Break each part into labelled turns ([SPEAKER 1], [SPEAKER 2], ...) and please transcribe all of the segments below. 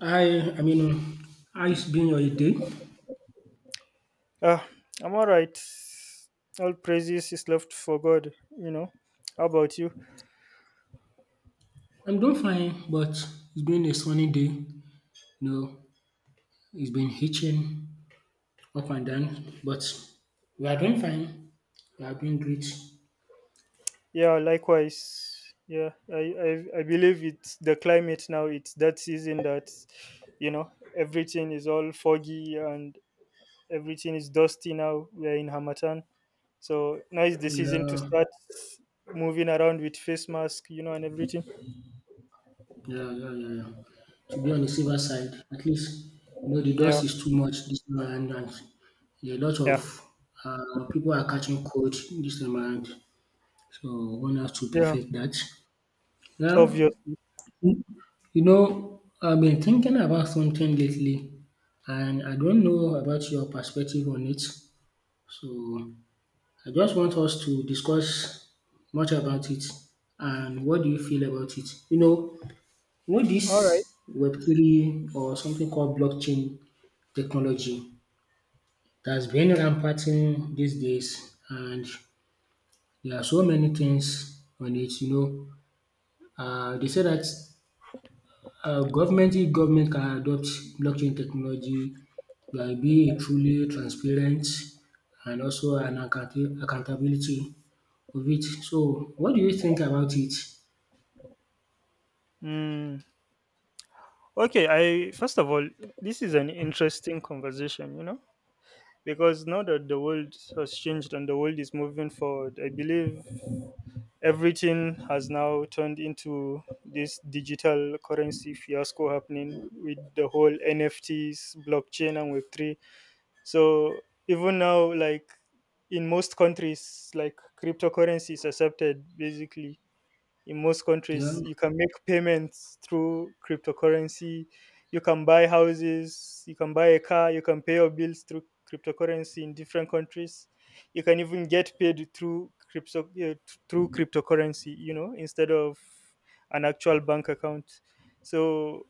[SPEAKER 1] Hi, I mean, how is been your day?
[SPEAKER 2] Uh, I'm alright. All praises is left for God. How about you?
[SPEAKER 1] I'm doing fine, but it's been a sunny day. You know, it's been hitching up and down, but we are doing fine. We are doing great.
[SPEAKER 2] Yeah, likewise. Yeah, I believe it's the climate now. It's that season that, you know, everything is all foggy and everything is dusty now. We're in Hamatan, so now is the season to
[SPEAKER 1] Yeah,
[SPEAKER 2] start moving around with face mask and everything.
[SPEAKER 1] yeah, yeah, yeah, yeah. To be on the silver side, at least, you know, the
[SPEAKER 2] Yeah,
[SPEAKER 1] dust is too much this time around, and there are a lot of
[SPEAKER 2] yeah,
[SPEAKER 1] people are catching cold this time around, so one has to
[SPEAKER 2] yeah.
[SPEAKER 1] perfect that. Well,
[SPEAKER 2] Obviously.
[SPEAKER 1] You I've been thinking about something lately, and I don't know about your perspective on it. So I just want us to discuss much about it. And what do you feel about it? You know this
[SPEAKER 2] All right.
[SPEAKER 1] Web3 or something called blockchain technology that's been rampant in these days, and there are so many things on it. You know, they say that government if government can adopt blockchain technology, there will be a truly transparent and also an accountability of it. So what do you think about it?
[SPEAKER 2] Mm. Okay, I first of all, this is an interesting conversation, because now that the world has changed and the world is moving forward, I believe everything has now turned into this digital currency fiasco happening with the whole NFTs, blockchain, and Web3. So even now, like in most countries, like cryptocurrency is accepted basically. In most
[SPEAKER 1] Yeah.
[SPEAKER 2] countries, you can make payments through cryptocurrency. You can buy houses, you can buy a car, you can pay your bills through cryptocurrency in different countries. You can even get paid through crypto through cryptocurrency, instead of an actual bank account. So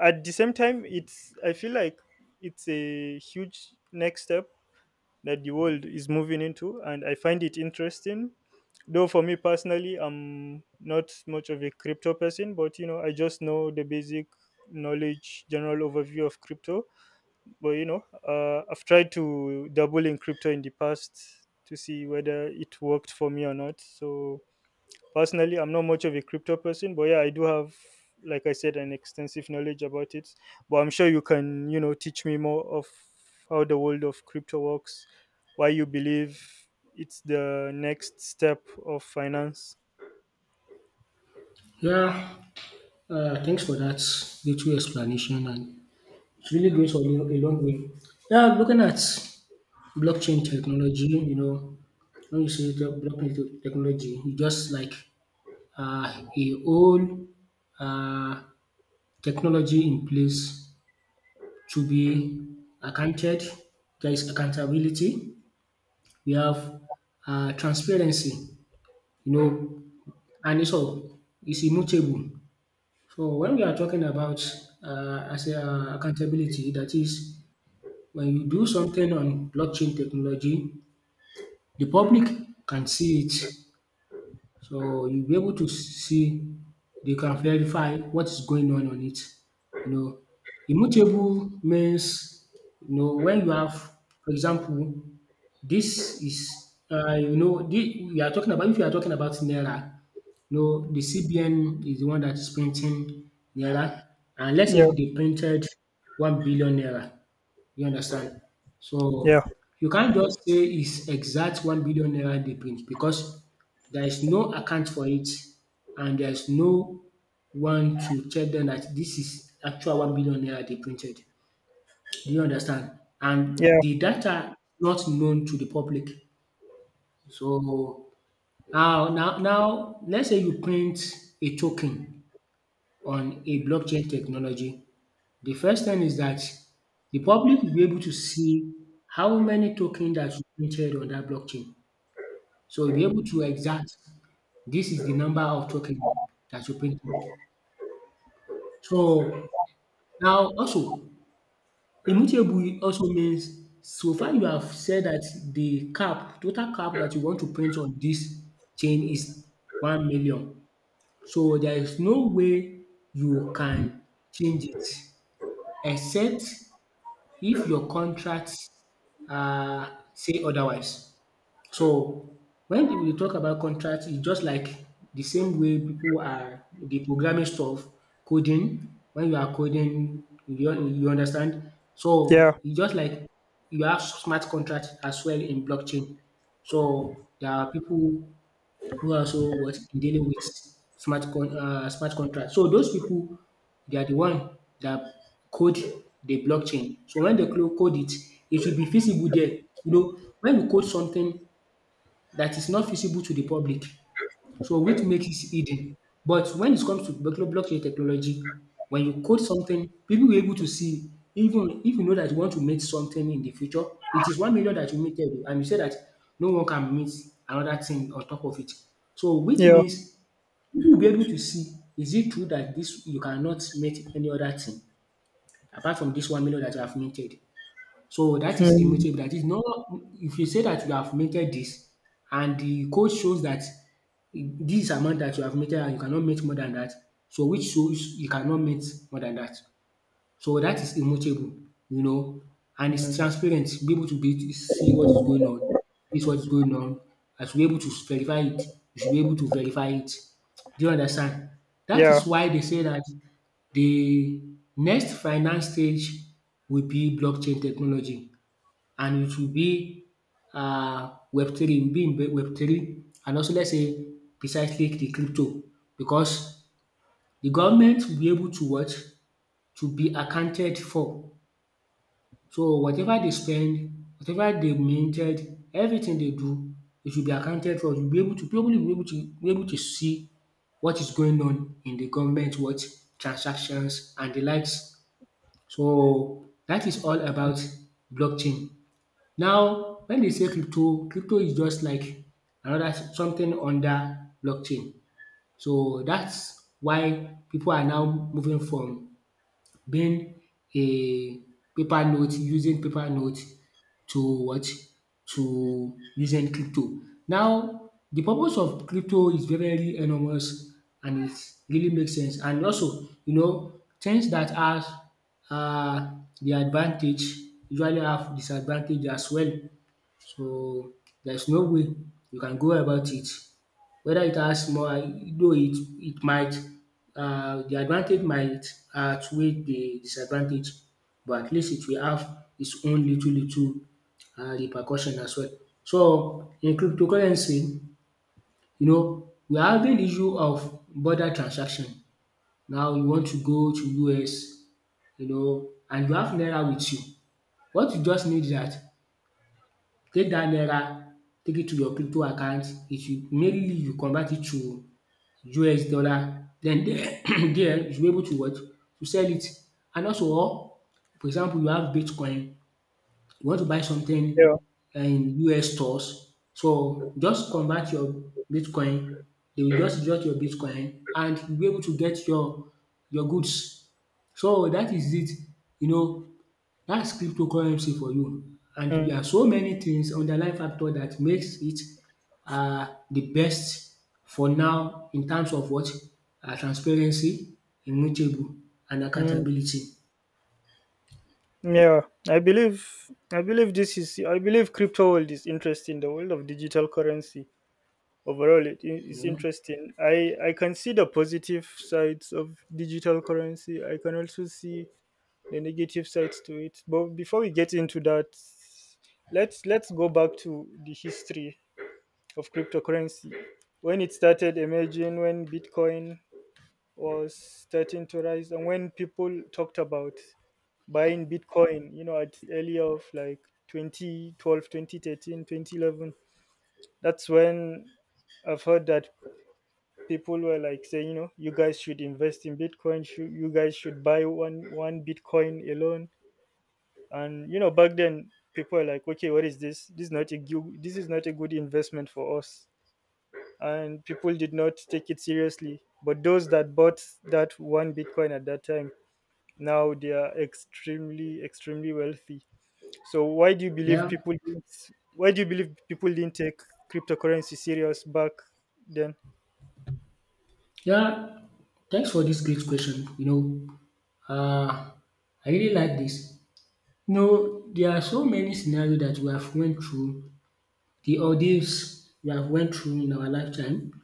[SPEAKER 2] at the same time, it's I feel like it's a huge next step that the world is moving into, and I find it interesting. Though for me personally, I'm not much of a crypto person, but I just know the basic knowledge, general overview of crypto. But I've tried to double in crypto in the past to see whether it worked for me or not. So personally, I'm not much of a crypto person, but yeah, I do have, like I said, an extensive knowledge about it. But I'm sure you can, teach me more of how the world of crypto works, why you believe it's the next step of finance.
[SPEAKER 1] Yeah. Thanks for that little explanation, and it really goes a long way. Yeah, looking at blockchain technology, you know, when you say the technology, e just like um a whole um technology in place to be accounted. There is accountability. We have transparency, you know, and it's immutable. So when we are talking about accountability, that is when you do something on blockchain technology, the public can see it. So you'll be able to see, they can verify what is going on it. You know, immutable means, you know, when you have, for example, this is, you know, we are talking about, if you are talking about Naira, you know, the CBN is the one that is printing Naira. And let's
[SPEAKER 2] Yeah,
[SPEAKER 1] say they printed 1 billion Naira. You understand?
[SPEAKER 2] yeah,
[SPEAKER 1] So you can't just say it's exact 1 billion naira they print, because there is no account for it, and there is no one to tell them that this is actual 1 million naira they printed. Do you understand?
[SPEAKER 2] yeah,
[SPEAKER 1] And the data not known to the public. So now, let's say you print a token on a blockchain technology. The first thing is that the public will be able to see how many token that you printed on that blockchain. So you'll be able to exact this is the number of token that you printed. So now also immutable also means so far you have said that total cap that you want to print on this chain is 1,000,000. So there is no way you can change it except if your contract um say otherwise. So when we talk about contracts, it's just like the same way people are the programming stuff, coding. When you are coding, you understand.
[SPEAKER 2] yeah,
[SPEAKER 1] So it's just like you have smart contracts as well in blockchain. So there are people who are also what dealing with smart contracts. So those people, they are the one that code the blockchain. So when they code it, it should be feasible there. You know, when you code something that is not visible to the public, so which makes it hidden. But when it comes to blockchain technology, when you code something, people will be able to see. Even if you know that you want to make something in the future, it is 1 million that you made every, and you say that no one can make another thing on top of it. So which
[SPEAKER 2] yeah.
[SPEAKER 1] means people will be able to see, is it true that this you cannot make any other thing apart from this 1 million that you have minted. So that is
[SPEAKER 2] Mm,
[SPEAKER 1] immutable. That is not if you say that you have mated this, and the code shows that this amount that you have mated and you cannot mate more than that, so which shows you cannot mate more than that. So that is immutable, you know, and it's
[SPEAKER 2] mm,
[SPEAKER 1] transparent. Be able to be to see what is going on, this what is going on. I should be able to verify it. You should be able to verify it. Do you understand? That
[SPEAKER 2] yeah,
[SPEAKER 1] is why they say that the next finance stage will be blockchain technology, and it will be web three, it will be in web three, and also let's say precisely the crypto, because the government will be able to watch, to be accounted for. So whatever they spend, whatever they minted, everything they do, it will be accounted for. You'll be able to probably be able to see what is going on in the government, what? Transactions and the likes. So that is all about blockchain. Now, when they say crypto, crypto is just like another something under blockchain. So that's why people are now moving from being a paper note, using paper note to what? To using crypto. Now, the purpose of crypto is very, very enormous, and it really makes sense. And also, you know, things that are the advantage usually have disadvantage as well. So, there's no way you can go about it. Whether it has more, though it might the advantage might outweigh the disadvantage, but at least it will have its own little little repercussion as well. So, in cryptocurrency, you know, we are having the issue of border transaction. Now you want to go to US, you know, and you have naira with you. What you just need is that take dat naira, take it to your crypto account. It will mainly you convert it to US dollar. Den there there you should be able to what? To sell it. And also or for example you have Bitcoin, you want to buy something
[SPEAKER 2] yeah.
[SPEAKER 1] in US stores, so just convert your Bitcoin, they will just deduct your Bitcoin and you'll be able to get your goods. So dat is it. You know, that's cryptocurrency for you, and
[SPEAKER 2] Mm,
[SPEAKER 1] there are so many things underlying factor that makes it the best for now in terms of what? Transparency, immutable and
[SPEAKER 2] mm,
[SPEAKER 1] accountability,
[SPEAKER 2] yeah. I believe crypto world is interesting. The world of digital currency overall, it's
[SPEAKER 1] you know.
[SPEAKER 2] interesting. I can see the positive sides of digital currency, I can also see the negative sides to it. But before we get into that, let's go back to the history of cryptocurrency, when it started emerging, when Bitcoin was starting to rise, and when people talked about buying Bitcoin, at early of like 2012, 2013, 2011. That's when I've heard that people were like saying, you guys should invest in Bitcoin. You guys should buy one Bitcoin alone. And back then people were like, okay, what is this? This is not a gu- this is not a good investment for us. And people did not take it seriously. But those that bought that one Bitcoin at that time, now they are extremely, extremely wealthy. So why do you believe
[SPEAKER 1] Yeah,
[SPEAKER 2] people didn't take cryptocurrency serious back then?
[SPEAKER 1] yeah, thanks for this great question, you know. uh, I really like this. You know there are so many scenarios that we have went through, the ordeals we have went through in our lifetime.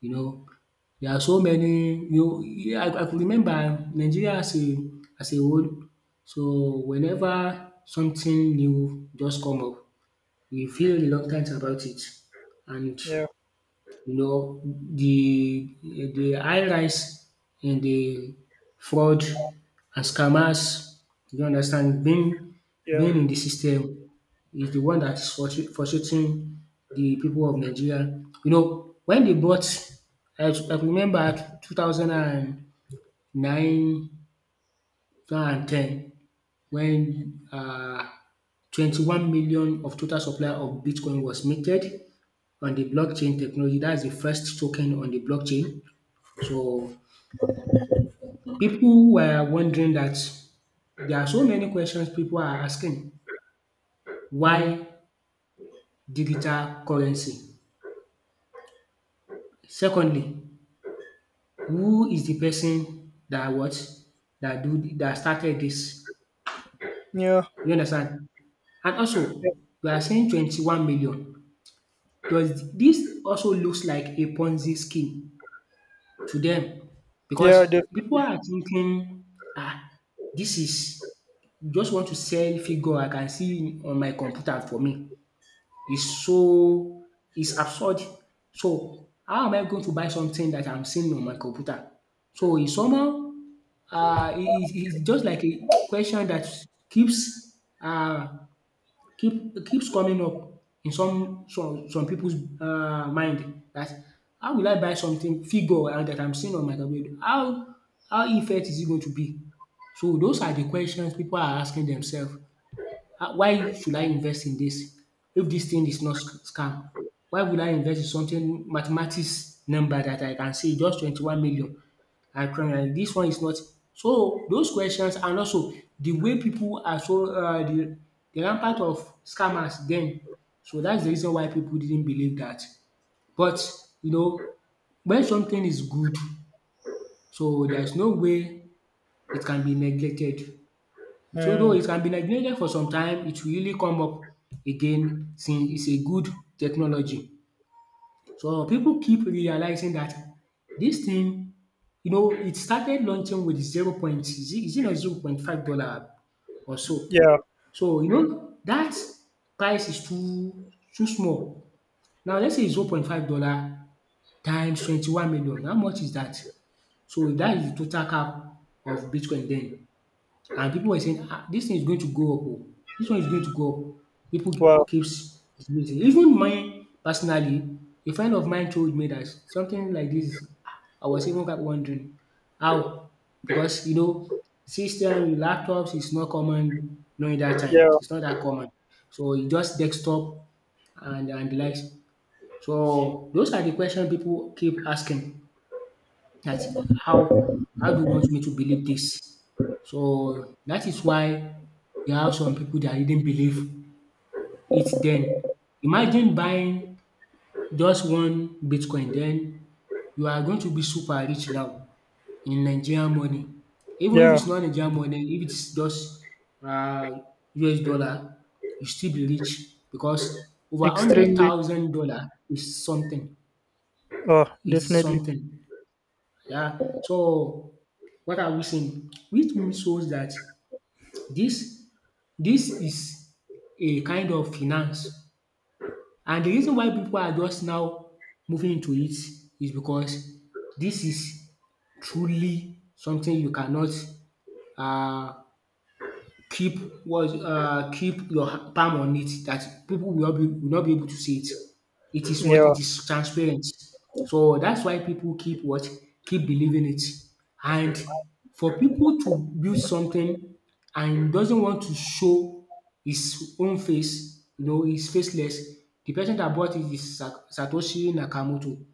[SPEAKER 1] You know, there are so many you yeah, I could remember Nigeria as a whole. So whenever something new just come up, we feel reluctant about it. And
[SPEAKER 2] Yeah,
[SPEAKER 1] you know, the high rise in the fraud and scammers, you understand, being
[SPEAKER 2] yeah.
[SPEAKER 1] being in the system is the one that's frustrating the people of Nigeria. You know, when they bought, I remember 2009, 2010, when 21 million of total supply of Bitcoin was minted on the blockchain technology. That's the first token on the blockchain. So, people were wondering that there are so many questions people are asking.
[SPEAKER 2] Mm,
[SPEAKER 1] Why digital currency? Secondly, who is the person that what that do that started this?
[SPEAKER 2] yeah.
[SPEAKER 1] You understand? And
[SPEAKER 2] Yeah.
[SPEAKER 1] also, we are saying 21 million. Does this also looks like a Ponzi scheme to them?
[SPEAKER 2] Yeah,
[SPEAKER 1] Because people
[SPEAKER 2] definitely.
[SPEAKER 1] are thinking, ah, this is just want to sell figure I can see on my computer for me. Is so is absurd. So how am I going to buy something that I'm seeing on my computer? So it's somehow it's just like a question that keeps uh, keeps coming up in some people's mind, that how will I buy something figure and that I'm seeing on my computer? How effect is it going to be? So those are the questions people are asking themselves. Ah why should I invest in this, if this thing is not scam? Why would I invest in something mathematics number that I can see just twenty twenty one million and 300? This one is not. So those questions, and also the way people are so the de rampant of scammers then. So that's the reason why people didn't believe that. But you know, when something is good, so there is no way it can be neglected. So though
[SPEAKER 2] Uh,
[SPEAKER 1] it can be neglected for some time, it will really come up again since it's a good technology. So people keep realizing that this thing, you know, it started launching with zero point is it not zero point five dollar or so.
[SPEAKER 2] yeah.
[SPEAKER 1] So you know that price is too too small. Now let's say zero point five-dollar times 21 million, how much is that? So that is the total cap of bitcoin then. And people were saying, "Ah, this thing is going to go up oh, this one is going to go up." People
[SPEAKER 2] Wow.
[SPEAKER 1] keeps debating. Even mine personally, a friend of mine told me that something like this, ah, I was even kept wondering how, because you know system laptops is not common during that time.
[SPEAKER 2] Yeah.
[SPEAKER 1] It's not that common. So e just desktop and the likes. So those are the question people keep asking. That how do you want me to believe this? So that is why we have some people that didn't believe it then. Imagine buying just one Bitcoin then you are going to be super rich now in Nigerian money. Even if
[SPEAKER 2] Yeah.
[SPEAKER 1] it's not Nigerian money, if it's just uh, US dollar, you still be rich because over hundred
[SPEAKER 2] Extremely.
[SPEAKER 1] thousand dollar is something.
[SPEAKER 2] Oh,
[SPEAKER 1] Is
[SPEAKER 2] definitely.
[SPEAKER 1] something. Yeah. So what are we saying? Which means shows that this this is a kind of finance, and de reason why pipu are just now moving into it is because this is truly something you cannot um keep, was keep your palm on it, that people will not be able to see it. It is what?
[SPEAKER 2] Yeah.
[SPEAKER 1] It is transparent. So that's why people keep what? Keep believing it. And for people to build something and doesn't want to show his own face, you know, is faceless. The person that bought it is Satoshi Nakamoto.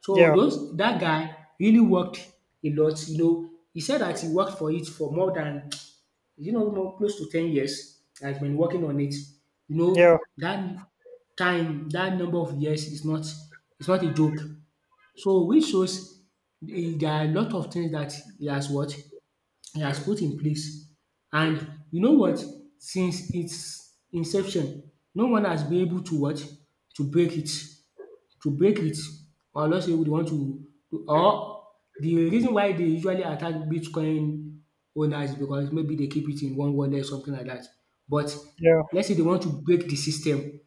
[SPEAKER 1] So
[SPEAKER 2] Yeah.
[SPEAKER 1] those, that guy really worked a lot, you know. He said that he worked for it for more than, you know, more close to 10 years I've been working on it? You
[SPEAKER 2] Yeah.
[SPEAKER 1] know, that time, that number of years is not, is not a joke. So which shows there are a lot of things that he has what, he has put in place. And you know what? Since its inception, no one has been able to what, to break it. To break it, or just say dey want to, or the reason why dey usually attack Bitcoin owners is because maybe dey keep it in one wallet, something like dat. But
[SPEAKER 2] Yeah.
[SPEAKER 1] let's say dey want to break the system.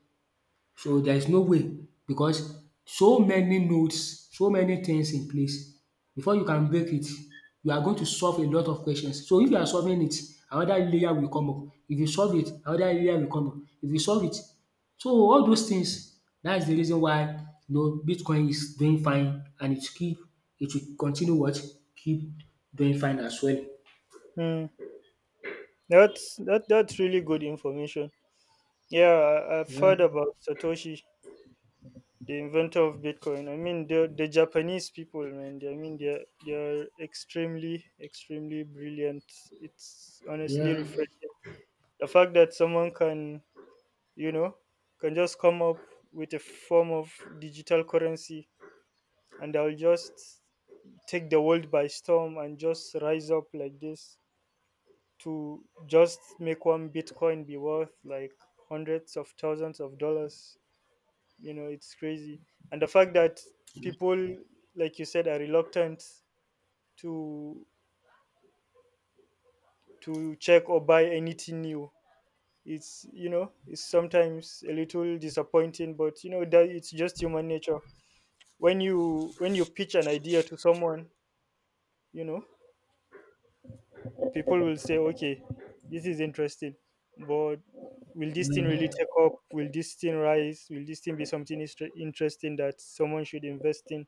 [SPEAKER 1] So there is no way, because so many nodes, so many things in place. Before you can break it, you are going to solve a lot of questions. So if you are solving it, another layer will come up. If you solve it, another layer will come up. If you solve it, so all those things, that is the reason why you know Bitcoin is doing fine, and it keep, it will continue what, keep doing fine as well.
[SPEAKER 2] Mm. That's that. That's really good information. Yeah, I've
[SPEAKER 1] Yeah,
[SPEAKER 2] heard about Satoshi, the inventor of Bitcoin. I mean, the Japanese people, man. I mean, they're extremely, extremely brilliant. It's honestly
[SPEAKER 1] yeah,
[SPEAKER 2] refreshing. The fact that someone can, you know, can just come up with a form of digital currency and I'll just take the world by storm and just rise up like this to just make one Bitcoin be worth like hundreds of thousands of dollars. It's crazy. And the fact that people, like you said, are reluctant to to check or buy anything new. It's sometimes a little disappointing, but you know that it's just human nature. When you pitch an idea to someone, you know, people will say, okay, this is interesting, but will this thing really
[SPEAKER 1] yeah,
[SPEAKER 2] take up? Will this thing rise? Will this thing be something interesting that someone should invest in?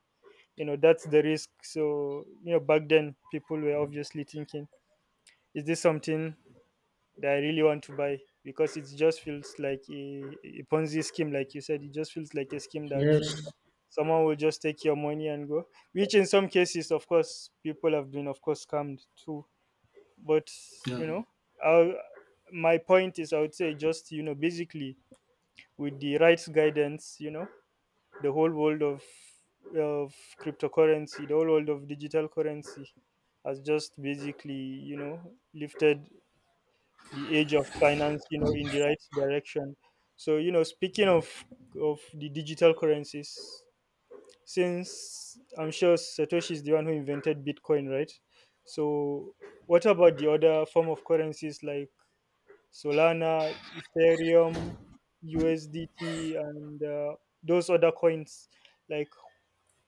[SPEAKER 2] That's the risk. So, back then people were obviously thinking, is this something that I really want to buy? Because it just feels like a Ponzi scheme, like you said, it just feels like a scheme that
[SPEAKER 1] yes,
[SPEAKER 2] someone will just take your money and go. Which, in some cases, of course, people have been, of course, scammed too. But
[SPEAKER 1] yeah.
[SPEAKER 2] you know uh, my point is, I would say, just, basically, with the rights guidance, the whole world of cryptocurrency, the whole world of digital currency has just basically, lifted the age of finance, in the right direction. So, speaking of the digital currencies, since I'm sure Satoshi is the one who invented Bitcoin, right? So what about the other form of currencies like Solana, Ethereum, USDT, and those other coins, like,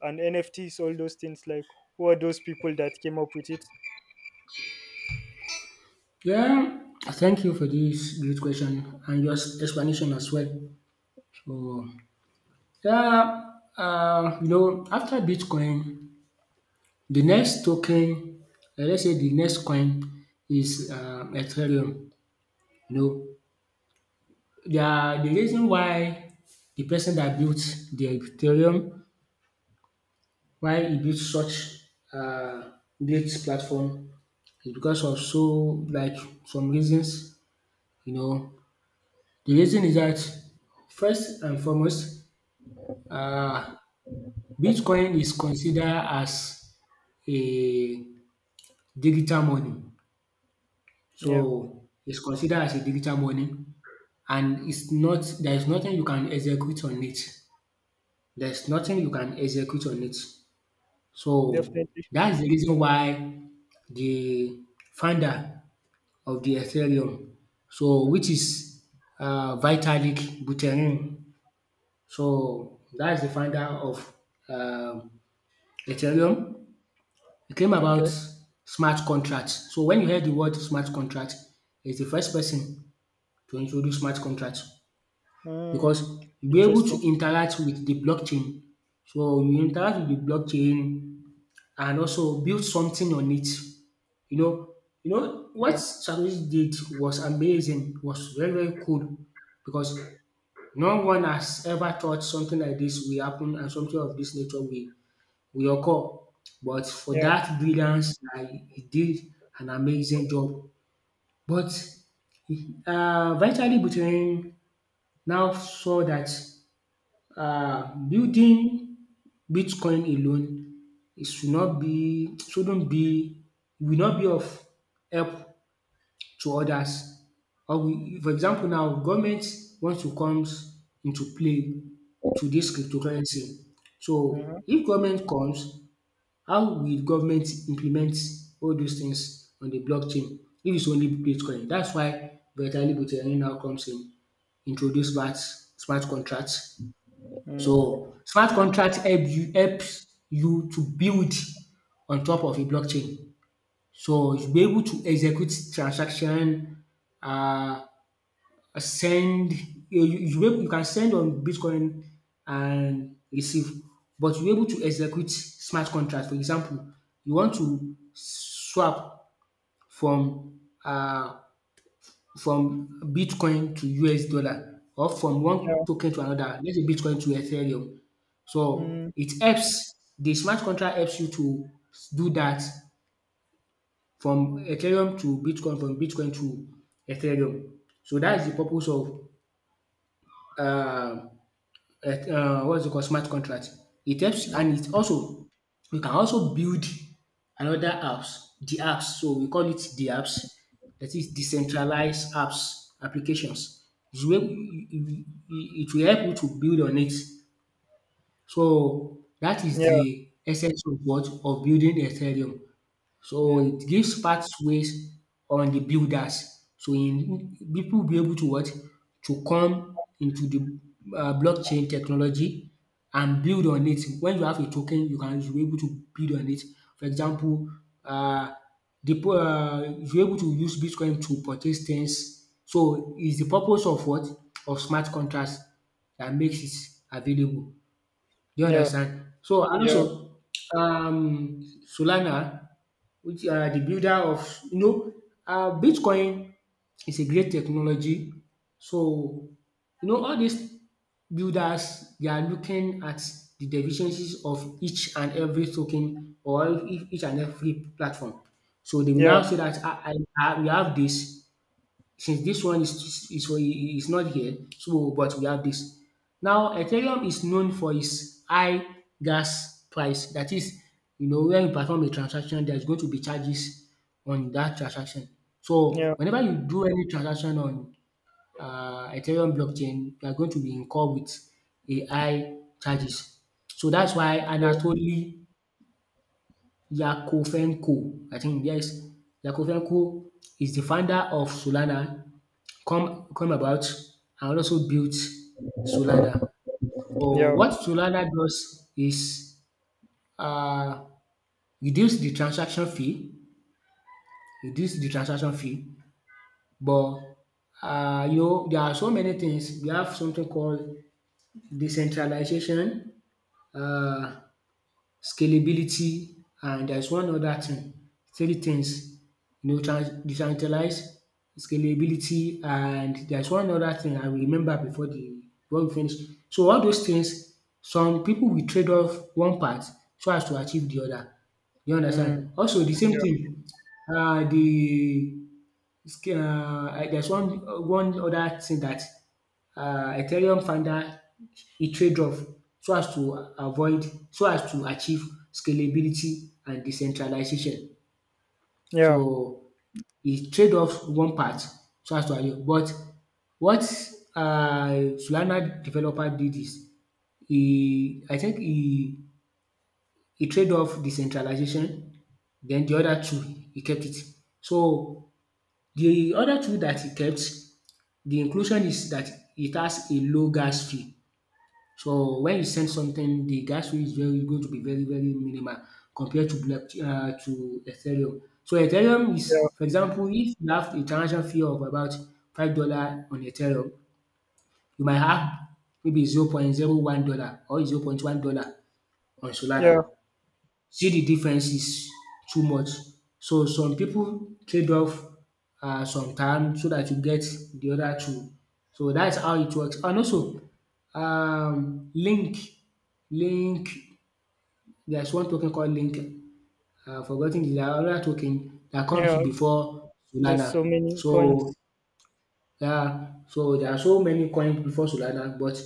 [SPEAKER 2] and NFTs, all those things. Like, who are those people that came up with it?
[SPEAKER 1] Yeah, thank you for this great question and your explanation as well. So yeah, you know after Bitcoin the next token, let's say the next coin, is Ethereum. You know, the reason why the person that built the Ethereum, why he built such um great platform, is because of so like some reasons, you know. The reason is that first and foremost, um Bitcoin is considered as a digital money.
[SPEAKER 2] Yeah,
[SPEAKER 1] So it's considered as a digital money, and it's not, there is nothing you can execute on it. There's nothing you can execute on it. So
[SPEAKER 2] definitely.
[SPEAKER 1] that's the reason why the founder of the Ethereum, so which is Vitalik Buterin. So that's the founder of um Ethereum. You came about
[SPEAKER 2] Okay.
[SPEAKER 1] smart contracts. So when you hear the word smart contract, is the first person to introduce smart contracts, because
[SPEAKER 2] Mm,
[SPEAKER 1] you'll be able
[SPEAKER 2] interesting.
[SPEAKER 1] to interact with the blockchain. So you interact with the blockchain and also build something on it. You know, you know what
[SPEAKER 2] Yeah.
[SPEAKER 1] Shadows did was amazing, was very, very cool, because no one has ever thought something like this will happen, and something of this nature will, with your call. But for
[SPEAKER 2] Yeah.
[SPEAKER 1] that brilliance, na he did an amazing job. But eventually Buterin now saw that building Bitcoin alone, it should not be shouldn't be will not be of help to others. Or we, for example, now government wants to comes into play to this cryptocurrency.
[SPEAKER 2] Uh-huh.
[SPEAKER 1] So if government comes, how will government implement all those things on the blockchain if it's only Bitcoin? That's why Vitalik Buterin now comes in, introduce smart contracts.
[SPEAKER 2] Mm,
[SPEAKER 1] So smart contract helps you to build on top of a blockchain. So you'll be able to execute transaction, um send, you can send on Bitcoin and receive, but you're able to execute smart contracts. For example, you want to swap from uh from Bitcoin to US dollar, or from one
[SPEAKER 2] yeah.
[SPEAKER 1] token to another, let's say Bitcoin to Ethereum. So
[SPEAKER 2] Mm,
[SPEAKER 1] it helps, the smart contract helps you to do that, from Ethereum to Bitcoin, from Bitcoin to Ethereum. So that is the purpose of um at what's it called, smart contract. It helps,
[SPEAKER 2] mm,
[SPEAKER 1] and it also, we can also build the apps. So we call it the apps. That is decentralized apps applications. It's where it will help you to build on it. So that is
[SPEAKER 2] yeah.
[SPEAKER 1] the essence of what, of building Ethereum. So
[SPEAKER 2] Yeah.
[SPEAKER 1] it gives pathways on the builders. So in people will be able to what? To come into the blockchain technology and build on it. When you have a token, you'll be able to build on it. For example, uh, the pro you're able to use Bitcoin to purchase things. So is the purpose of what? Of smart contracts that makes it available. Do you
[SPEAKER 2] Yeah.
[SPEAKER 1] understand? So and also Solana, which are the builder of, you know, Bitcoin is a great technology. So you know all these builders they are looking at the deficiencies of each and every token, or each and every platform. So they will
[SPEAKER 2] Yeah.
[SPEAKER 1] now say that I we have this, since this one is not here, so but we have this. Now Ethereum is known for its high gas price, that is, you know, when you perform a transaction there is going to be charges on that transaction.
[SPEAKER 2] Yeah.
[SPEAKER 1] So whenever you do any transaction on Ethereum blockchain, you are going to be incur with a high charges. So that's why
[SPEAKER 2] Yeah.
[SPEAKER 1] Anatoly Yakovenko, I think, yes, Yakovenko is the founder of Solana, come about and also built Solana.
[SPEAKER 2] Mm.
[SPEAKER 1] So
[SPEAKER 2] Yeah. Yeah.
[SPEAKER 1] what Solana does is uh, reduce the transaction fee, reduce the transaction fee, but you know, there are so many things. We have something called decentralization. Uh, scalability, and there's one other thing, three things, you know, decentralized, scalability, and there's one other thing I will remember before the before we finish. So all those things, some people will trade off one part so as to achieve the other. You
[SPEAKER 2] Mm,
[SPEAKER 1] understand? Also the same
[SPEAKER 2] yeah.
[SPEAKER 1] thing. uh the there's one other thing that Ethereum founder, he trade off so as to avoid so as to achieve scalability and decentralization.
[SPEAKER 2] Yeah.
[SPEAKER 1] So he trade off one part so as to avoid. But what Solana developer did is, he I think he trade off decentralization, then the other two he kept it. So the other two that he kept, the inclusion is that it has a low gas fee. So when you send something, the gas fee is very going to be very, very minimal compared to block to Ethereum. So Ethereum
[SPEAKER 2] Yeah.
[SPEAKER 1] is, for example, if you have a transaction fee of about $5 on Ethereum, you might have maybe 0. 01 dollar or 0. 1 dollar on
[SPEAKER 2] Yeah.
[SPEAKER 1] Solana. See the differences too much. So some people trade off some time, so that you get the other two. So that's how it works. And also um link link, there's one token called link. Forgot the other token that comes
[SPEAKER 2] Yeah.
[SPEAKER 1] before
[SPEAKER 2] There's
[SPEAKER 1] Solana.
[SPEAKER 2] so many
[SPEAKER 1] So
[SPEAKER 2] coins.
[SPEAKER 1] yeah, so there are so many coins before Solana, but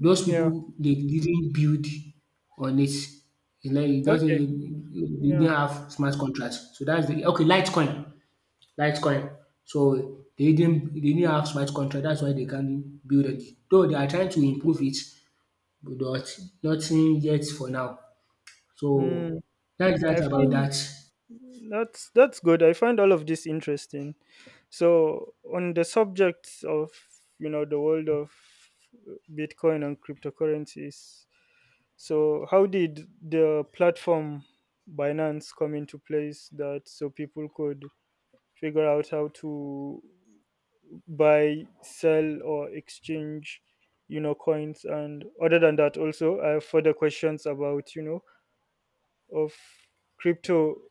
[SPEAKER 1] those
[SPEAKER 2] Yeah.
[SPEAKER 1] people they didn't build on it. It's like it
[SPEAKER 2] Okay.
[SPEAKER 1] doesn't, they
[SPEAKER 2] Yeah.
[SPEAKER 1] didn't have smart contracts. So that's the, okay, Litecoin. Litecoin. So they didn't have smart contract, that's why they can't build it. Though they are trying to improve it, but nothing yet for now. So
[SPEAKER 2] Mm.
[SPEAKER 1] that's
[SPEAKER 2] I
[SPEAKER 1] that about
[SPEAKER 2] find
[SPEAKER 1] that.
[SPEAKER 2] that's good. I find all of this interesting. So, on the subjects of, the world of Bitcoin and cryptocurrencies, so how did the platform Binance come into place that so people could figure out how to buy, sell, or exchange, coins. And other than that, also, I have further questions about, of crypto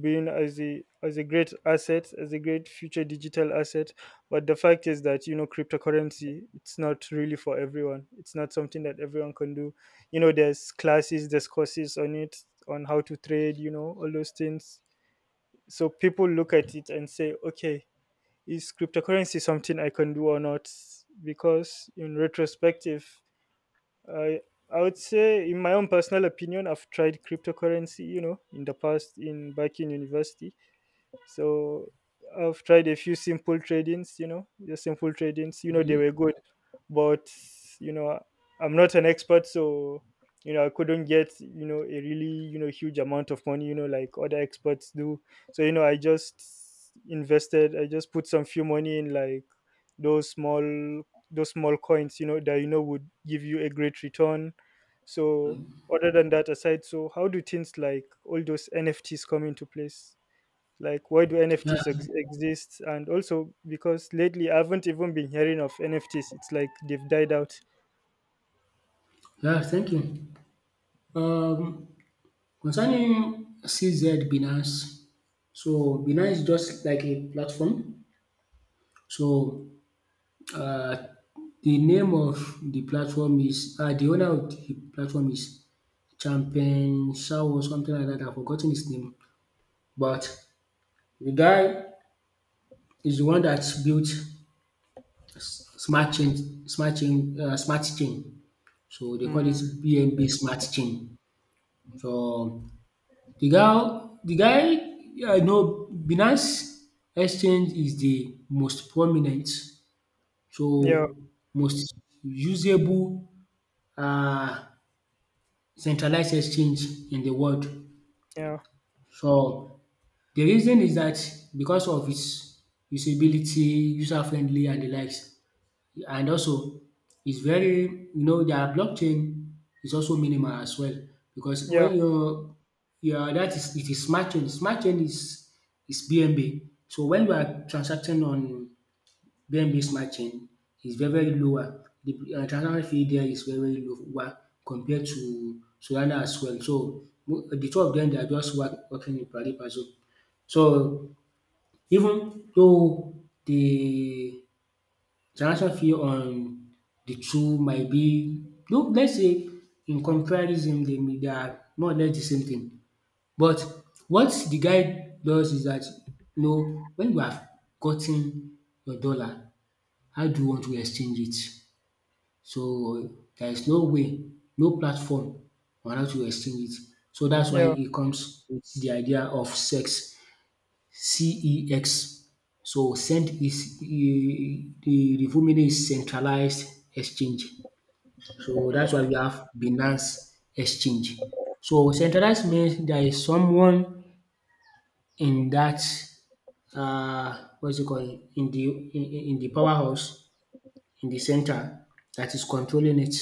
[SPEAKER 2] being as a great asset, as a great future digital asset. But the fact is that, cryptocurrency, it's not really for everyone, it's not something that everyone can do. There's classes, there's courses on it, on how to trade, all those things. So people look at it and say, okay, is cryptocurrency something I can do or not? Because in retrospective, I I would say, in my own personal opinion, I've tried cryptocurrency. You know, in the past, in back in university, so I've tried a few simple tradings, just simple tradings. They
[SPEAKER 1] Okay.
[SPEAKER 2] were good, but you know, I'm not an expert. So I couldn't get, a really, huge amount of money, like other experts do. So I just invested. I just put some few money in like those small those small coins, that would give you a great return. So other than that aside, so how do things like all those NFTs come into place? Like, why do
[SPEAKER 1] Yeah,
[SPEAKER 2] NFTs exist? And also, because lately I haven't even been hearing of NFTs, it's like they've died out.
[SPEAKER 1] yeah, thank you. Um concerning CZ Binance, so Binance is just like a platform. So Uh, the name of the platform is, the owner of the platform is Champion Shao or something like that. I've forgotten his name. But the guy is the one that built smart chain. So they call it
[SPEAKER 2] Mm,
[SPEAKER 1] BNB smart chain. So the guy, I know Binance Exchange is the most prominent,
[SPEAKER 2] yeah,
[SPEAKER 1] so most usable. Uh, centralized exchange in the world.
[SPEAKER 2] yeah,
[SPEAKER 1] So the reason is that because of its usability, user friendly and the likes, and also it's very, you know, their blockchain is also minimal as well, because
[SPEAKER 2] yeah,
[SPEAKER 1] when you, yeah that is, it is smart chain. Smart chain is BNB. So when you are transacting on where, matching is very, very lower. The transaction fee there is very, very lower compared to Solana as well. So, the two of them they are just working in pari passu. So even though the transaction fee on the two might be look, let's say, in comparison dem they are more or less the same thing. But what the guy does is that you know when you have gotten your dollar, how do you want to exchange it? So there is no way, no platform on how to exchange it. So that's why
[SPEAKER 2] yeah.
[SPEAKER 1] it comes with the idea of sex, C-E-X. So send is the full meaning is centralized exchange. So that's why
[SPEAKER 2] Mm,
[SPEAKER 1] we have Binance exchange. So centralized means there is someone in that, uh, what is it called, in the powerhouse, in the center, that is controlling it.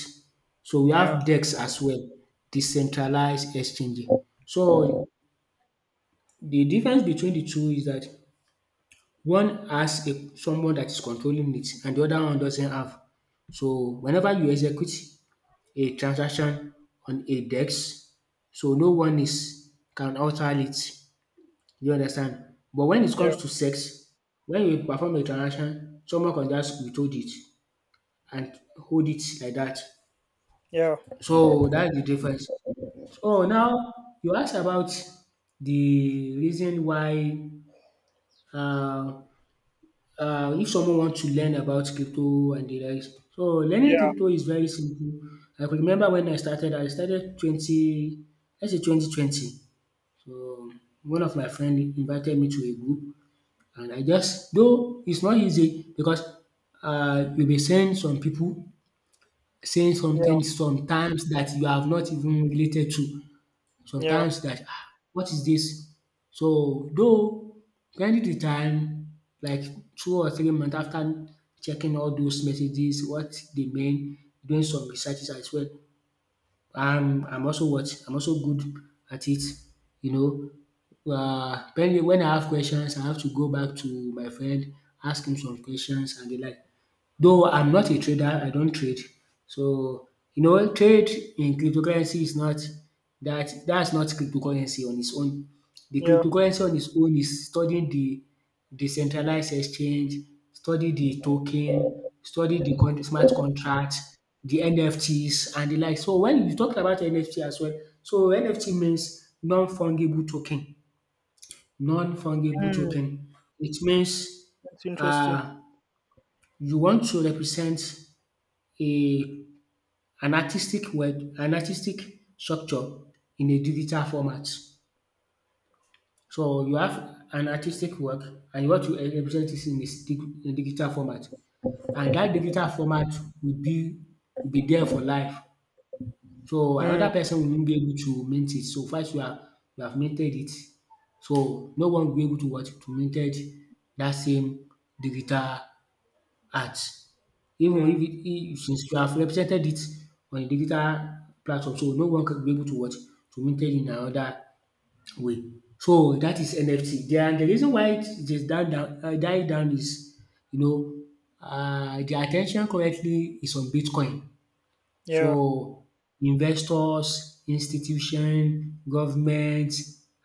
[SPEAKER 1] So we
[SPEAKER 2] yeah,
[SPEAKER 1] have DEX as well, decentralized exchanging. So the difference between the two is that one has a someone that is controlling it and the other one doesn't have. So whenever you execute a transaction on a DEX, so no one is can alter it. You understand? But when it
[SPEAKER 2] yeah,
[SPEAKER 1] comes to sex, when you perform a transaction, someone can just withhold it and hold it like that.
[SPEAKER 2] yeah,
[SPEAKER 1] So that's the difference. So now you ask about the reason why, um if someone wants to learn about crypto and the rest. So learning crypto is very simple. I could remember when I started twenty, let's say 2020. So one of my friend invited me to a group and I just though it's not easy because you be seeing some people saying
[SPEAKER 2] yeah,
[SPEAKER 1] something sometimes that you have not even related to.
[SPEAKER 2] yeah, yeah,
[SPEAKER 1] Sometimes that, ah, what is this? So though during the time like 2 or 3 months after checking all those messages what dey meant, doing some researches as well. I'm also what I'm also good at it, you know. When I have questions I have to go back to my friend, ask him some questions and the like. Though I'm not a trader, I don't trade. So, you know, trade in cryptocurrency is not that's not cryptocurrency on its own. The
[SPEAKER 2] yeah.
[SPEAKER 1] cryptocurrency on its own is studying the decentralized exchange, study the token, study the con smart contract, the NFTs and the like. So when you talk about NFT as well, so NFT means non-fungible token. Non-fungible
[SPEAKER 2] Mm,
[SPEAKER 1] token. It means,
[SPEAKER 2] that's interesting.
[SPEAKER 1] um you want to represent a an artistic web an artistic structure in a digital format. So you have an artistic work and what you want to represent it in its in digital format, and dat digital format will be, will be there for life. So
[SPEAKER 2] Mm,
[SPEAKER 1] another person won't be able to mint it so far as you have, you have minted it. So no one will be able to what? To minted dat same digital art, even if
[SPEAKER 2] mm,
[SPEAKER 1] it if since you have represented it on a digital platform, so no one can be able to watch to mingle in another way. So that is NFT. Den the reason why it it is die down is, you know, the attention currently is on Bitcoin.
[SPEAKER 2] yeah,
[SPEAKER 1] So investors, institution, government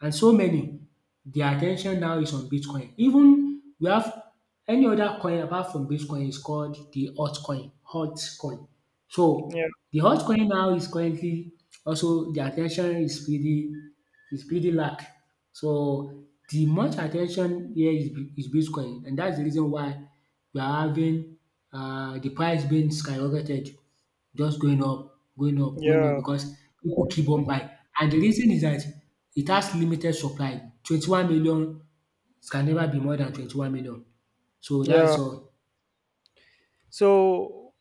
[SPEAKER 1] and so many, their attention now is on bitcoin. Even we have any other coin apart from bitcoin is called the altcoin.
[SPEAKER 2] yeah,
[SPEAKER 1] So the altcoin now is currently also the attention is pretty, is pretty lack. So the much attention ten tion here is is bitcoin and that's the reason why we are having, the price being skyrocketed. Just going up, going up, going up
[SPEAKER 2] yeah,
[SPEAKER 1] because people keep on buying, and the reason is that it has limited supply. 21 million, can never be more than 21 million. So
[SPEAKER 2] yeah.
[SPEAKER 1] that's all.
[SPEAKER 2] So,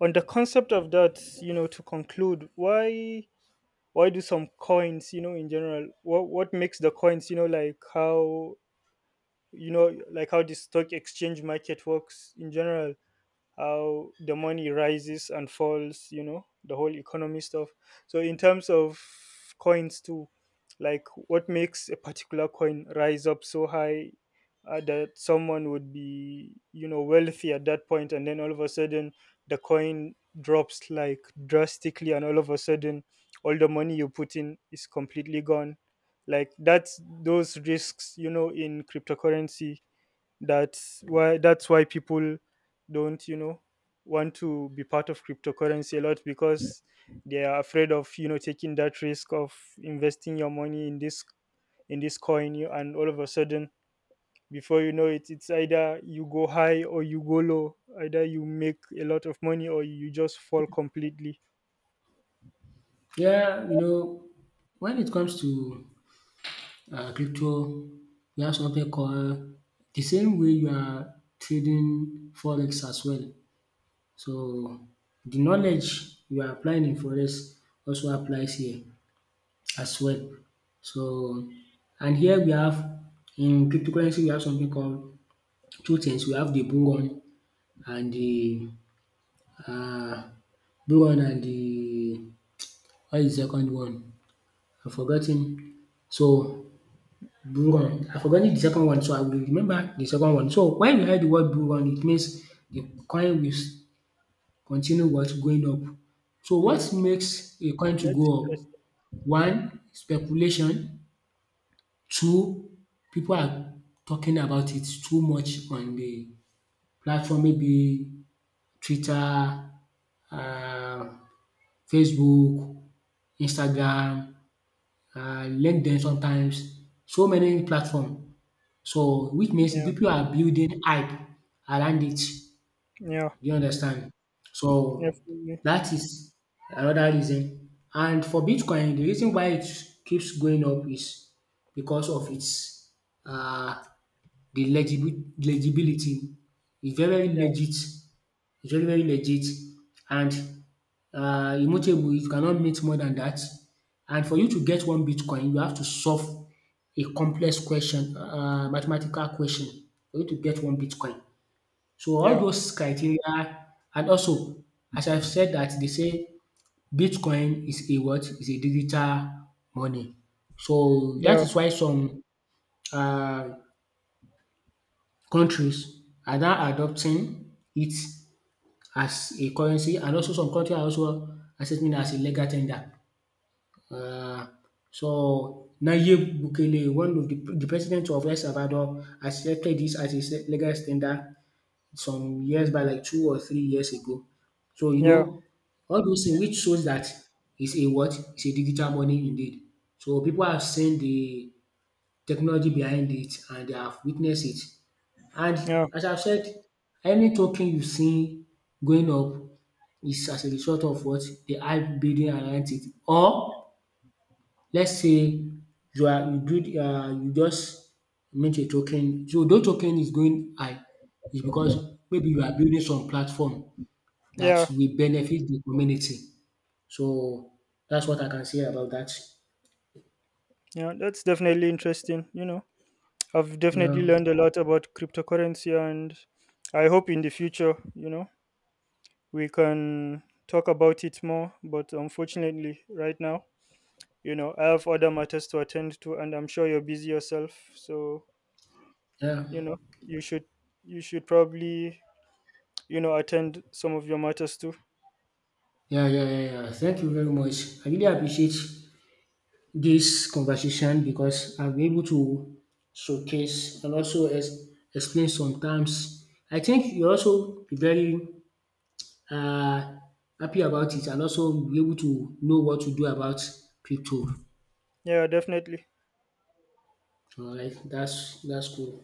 [SPEAKER 2] on the concept of that, to conclude, why do some coins, in general, what makes the coins, like how, like how the stock exchange market works in general, how the money rises and falls, the whole economy stuff. So in terms of coins too, like what makes a particular coin rise up so high, that someone would be, wealthy at that point, and then all of a sudden the coin drops like drastically, and all of a sudden all the money you put in is completely gone. Like that's those risks, in cryptocurrency. That's why people don't, want to be part of cryptocurrency a lot, because they are afraid of, taking that risk of investing your money in this coin you and all of a sudden, before you know it, it's either you go high or you go low, either you make a lot of money or you just fall completely.
[SPEAKER 1] Yeah, you know, when it comes to crypto, we have something called the same way you are trading forex as well. So the knowledge you are applying in forex also applies here as well. So and here we have in cryptocurrency we have something called two things. We have the Bull run and the, um Bull and the, what is the second one? I've forgotten. So Bull run, I've forgotten the second one, so I will remember the second one. So when you hear the word Bull run it means the coin will continue what? Going up. So what
[SPEAKER 2] Hmm.
[SPEAKER 1] makes a coin to go
[SPEAKER 2] That's
[SPEAKER 1] up?
[SPEAKER 2] interesting.
[SPEAKER 1] One, speculation. Too, people are talking about it too much on the platform, maybe Twitter, uh, Facebook, Instagram, LinkedIn sometimes, so many platform. So which means
[SPEAKER 2] Yeah,
[SPEAKER 1] people are building hype around it. Do
[SPEAKER 2] yeah,
[SPEAKER 1] you understand? So
[SPEAKER 2] definitely.
[SPEAKER 1] that is another reason. And for Bitcoin, the reason why it keeps going up is because of its, uh the legibility is very very
[SPEAKER 2] Yeah,
[SPEAKER 1] legit, is very very legit, and, immutable, you cannot mint more than that. And for you to get one bitcoin you have to solve a complex question, mathematical question, for you to get one bitcoin. So all
[SPEAKER 2] yeah,
[SPEAKER 1] those criteria, and also as I have said that, they say bitcoin is a what? Is a digital money. So that
[SPEAKER 2] yeah,
[SPEAKER 1] is why some, um countries are now adopting it as a currency, and also some country are also accepting it as a legal tender. um So Nayib Bukele, one of the president of El Salvador, accepted this as his legal tender some years back like 2 or 3 years ago. So you
[SPEAKER 2] yeah,
[SPEAKER 1] know all those things which shows that it's a what? It's a digital money indeed. So people have seen the technology behind it and they have witnessed it. And
[SPEAKER 2] yeah,
[SPEAKER 1] as I've said, any token you see going up is as a result of what? The hype building around it. Or let's say you are you build you just mint a token. So those token is going high is because maybe you are building some platform that
[SPEAKER 2] yeah,
[SPEAKER 1] will benefit the community. So that's what I can say about that.
[SPEAKER 2] yeah. That's definitely interesting, I've definitely
[SPEAKER 1] Yeah.
[SPEAKER 2] learned a lot about cryptocurrency. And I hope in the future, we can talk about it more. But unfortunately, right now, I have other matters to attend to, and I'm sure you're busy yourself. So,
[SPEAKER 1] Yeah.
[SPEAKER 2] you know, you should you should probably, attend some of your matters too.
[SPEAKER 1] Yeah. Thank you very much. I really appreciate this conversation because I'll be able to showcase and also explain sometimes. I think you also be very, uh, happy about it, and also be able to know what to do about crypto.
[SPEAKER 2] Yeah, definitely.
[SPEAKER 1] All right, that's cool.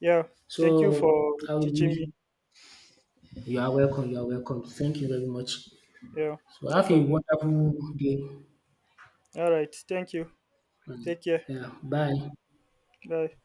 [SPEAKER 2] Yeah. Thank you
[SPEAKER 1] So
[SPEAKER 2] for
[SPEAKER 1] I will
[SPEAKER 2] teaching me.
[SPEAKER 1] be. You are welcome. You are welcome. Thank you very much.
[SPEAKER 2] Yeah,
[SPEAKER 1] So
[SPEAKER 2] no
[SPEAKER 1] have a
[SPEAKER 2] problem.
[SPEAKER 1] wonderful day.
[SPEAKER 2] All right. Thank you.
[SPEAKER 1] And
[SPEAKER 2] Take care.
[SPEAKER 1] yeah, bye.
[SPEAKER 2] Bye.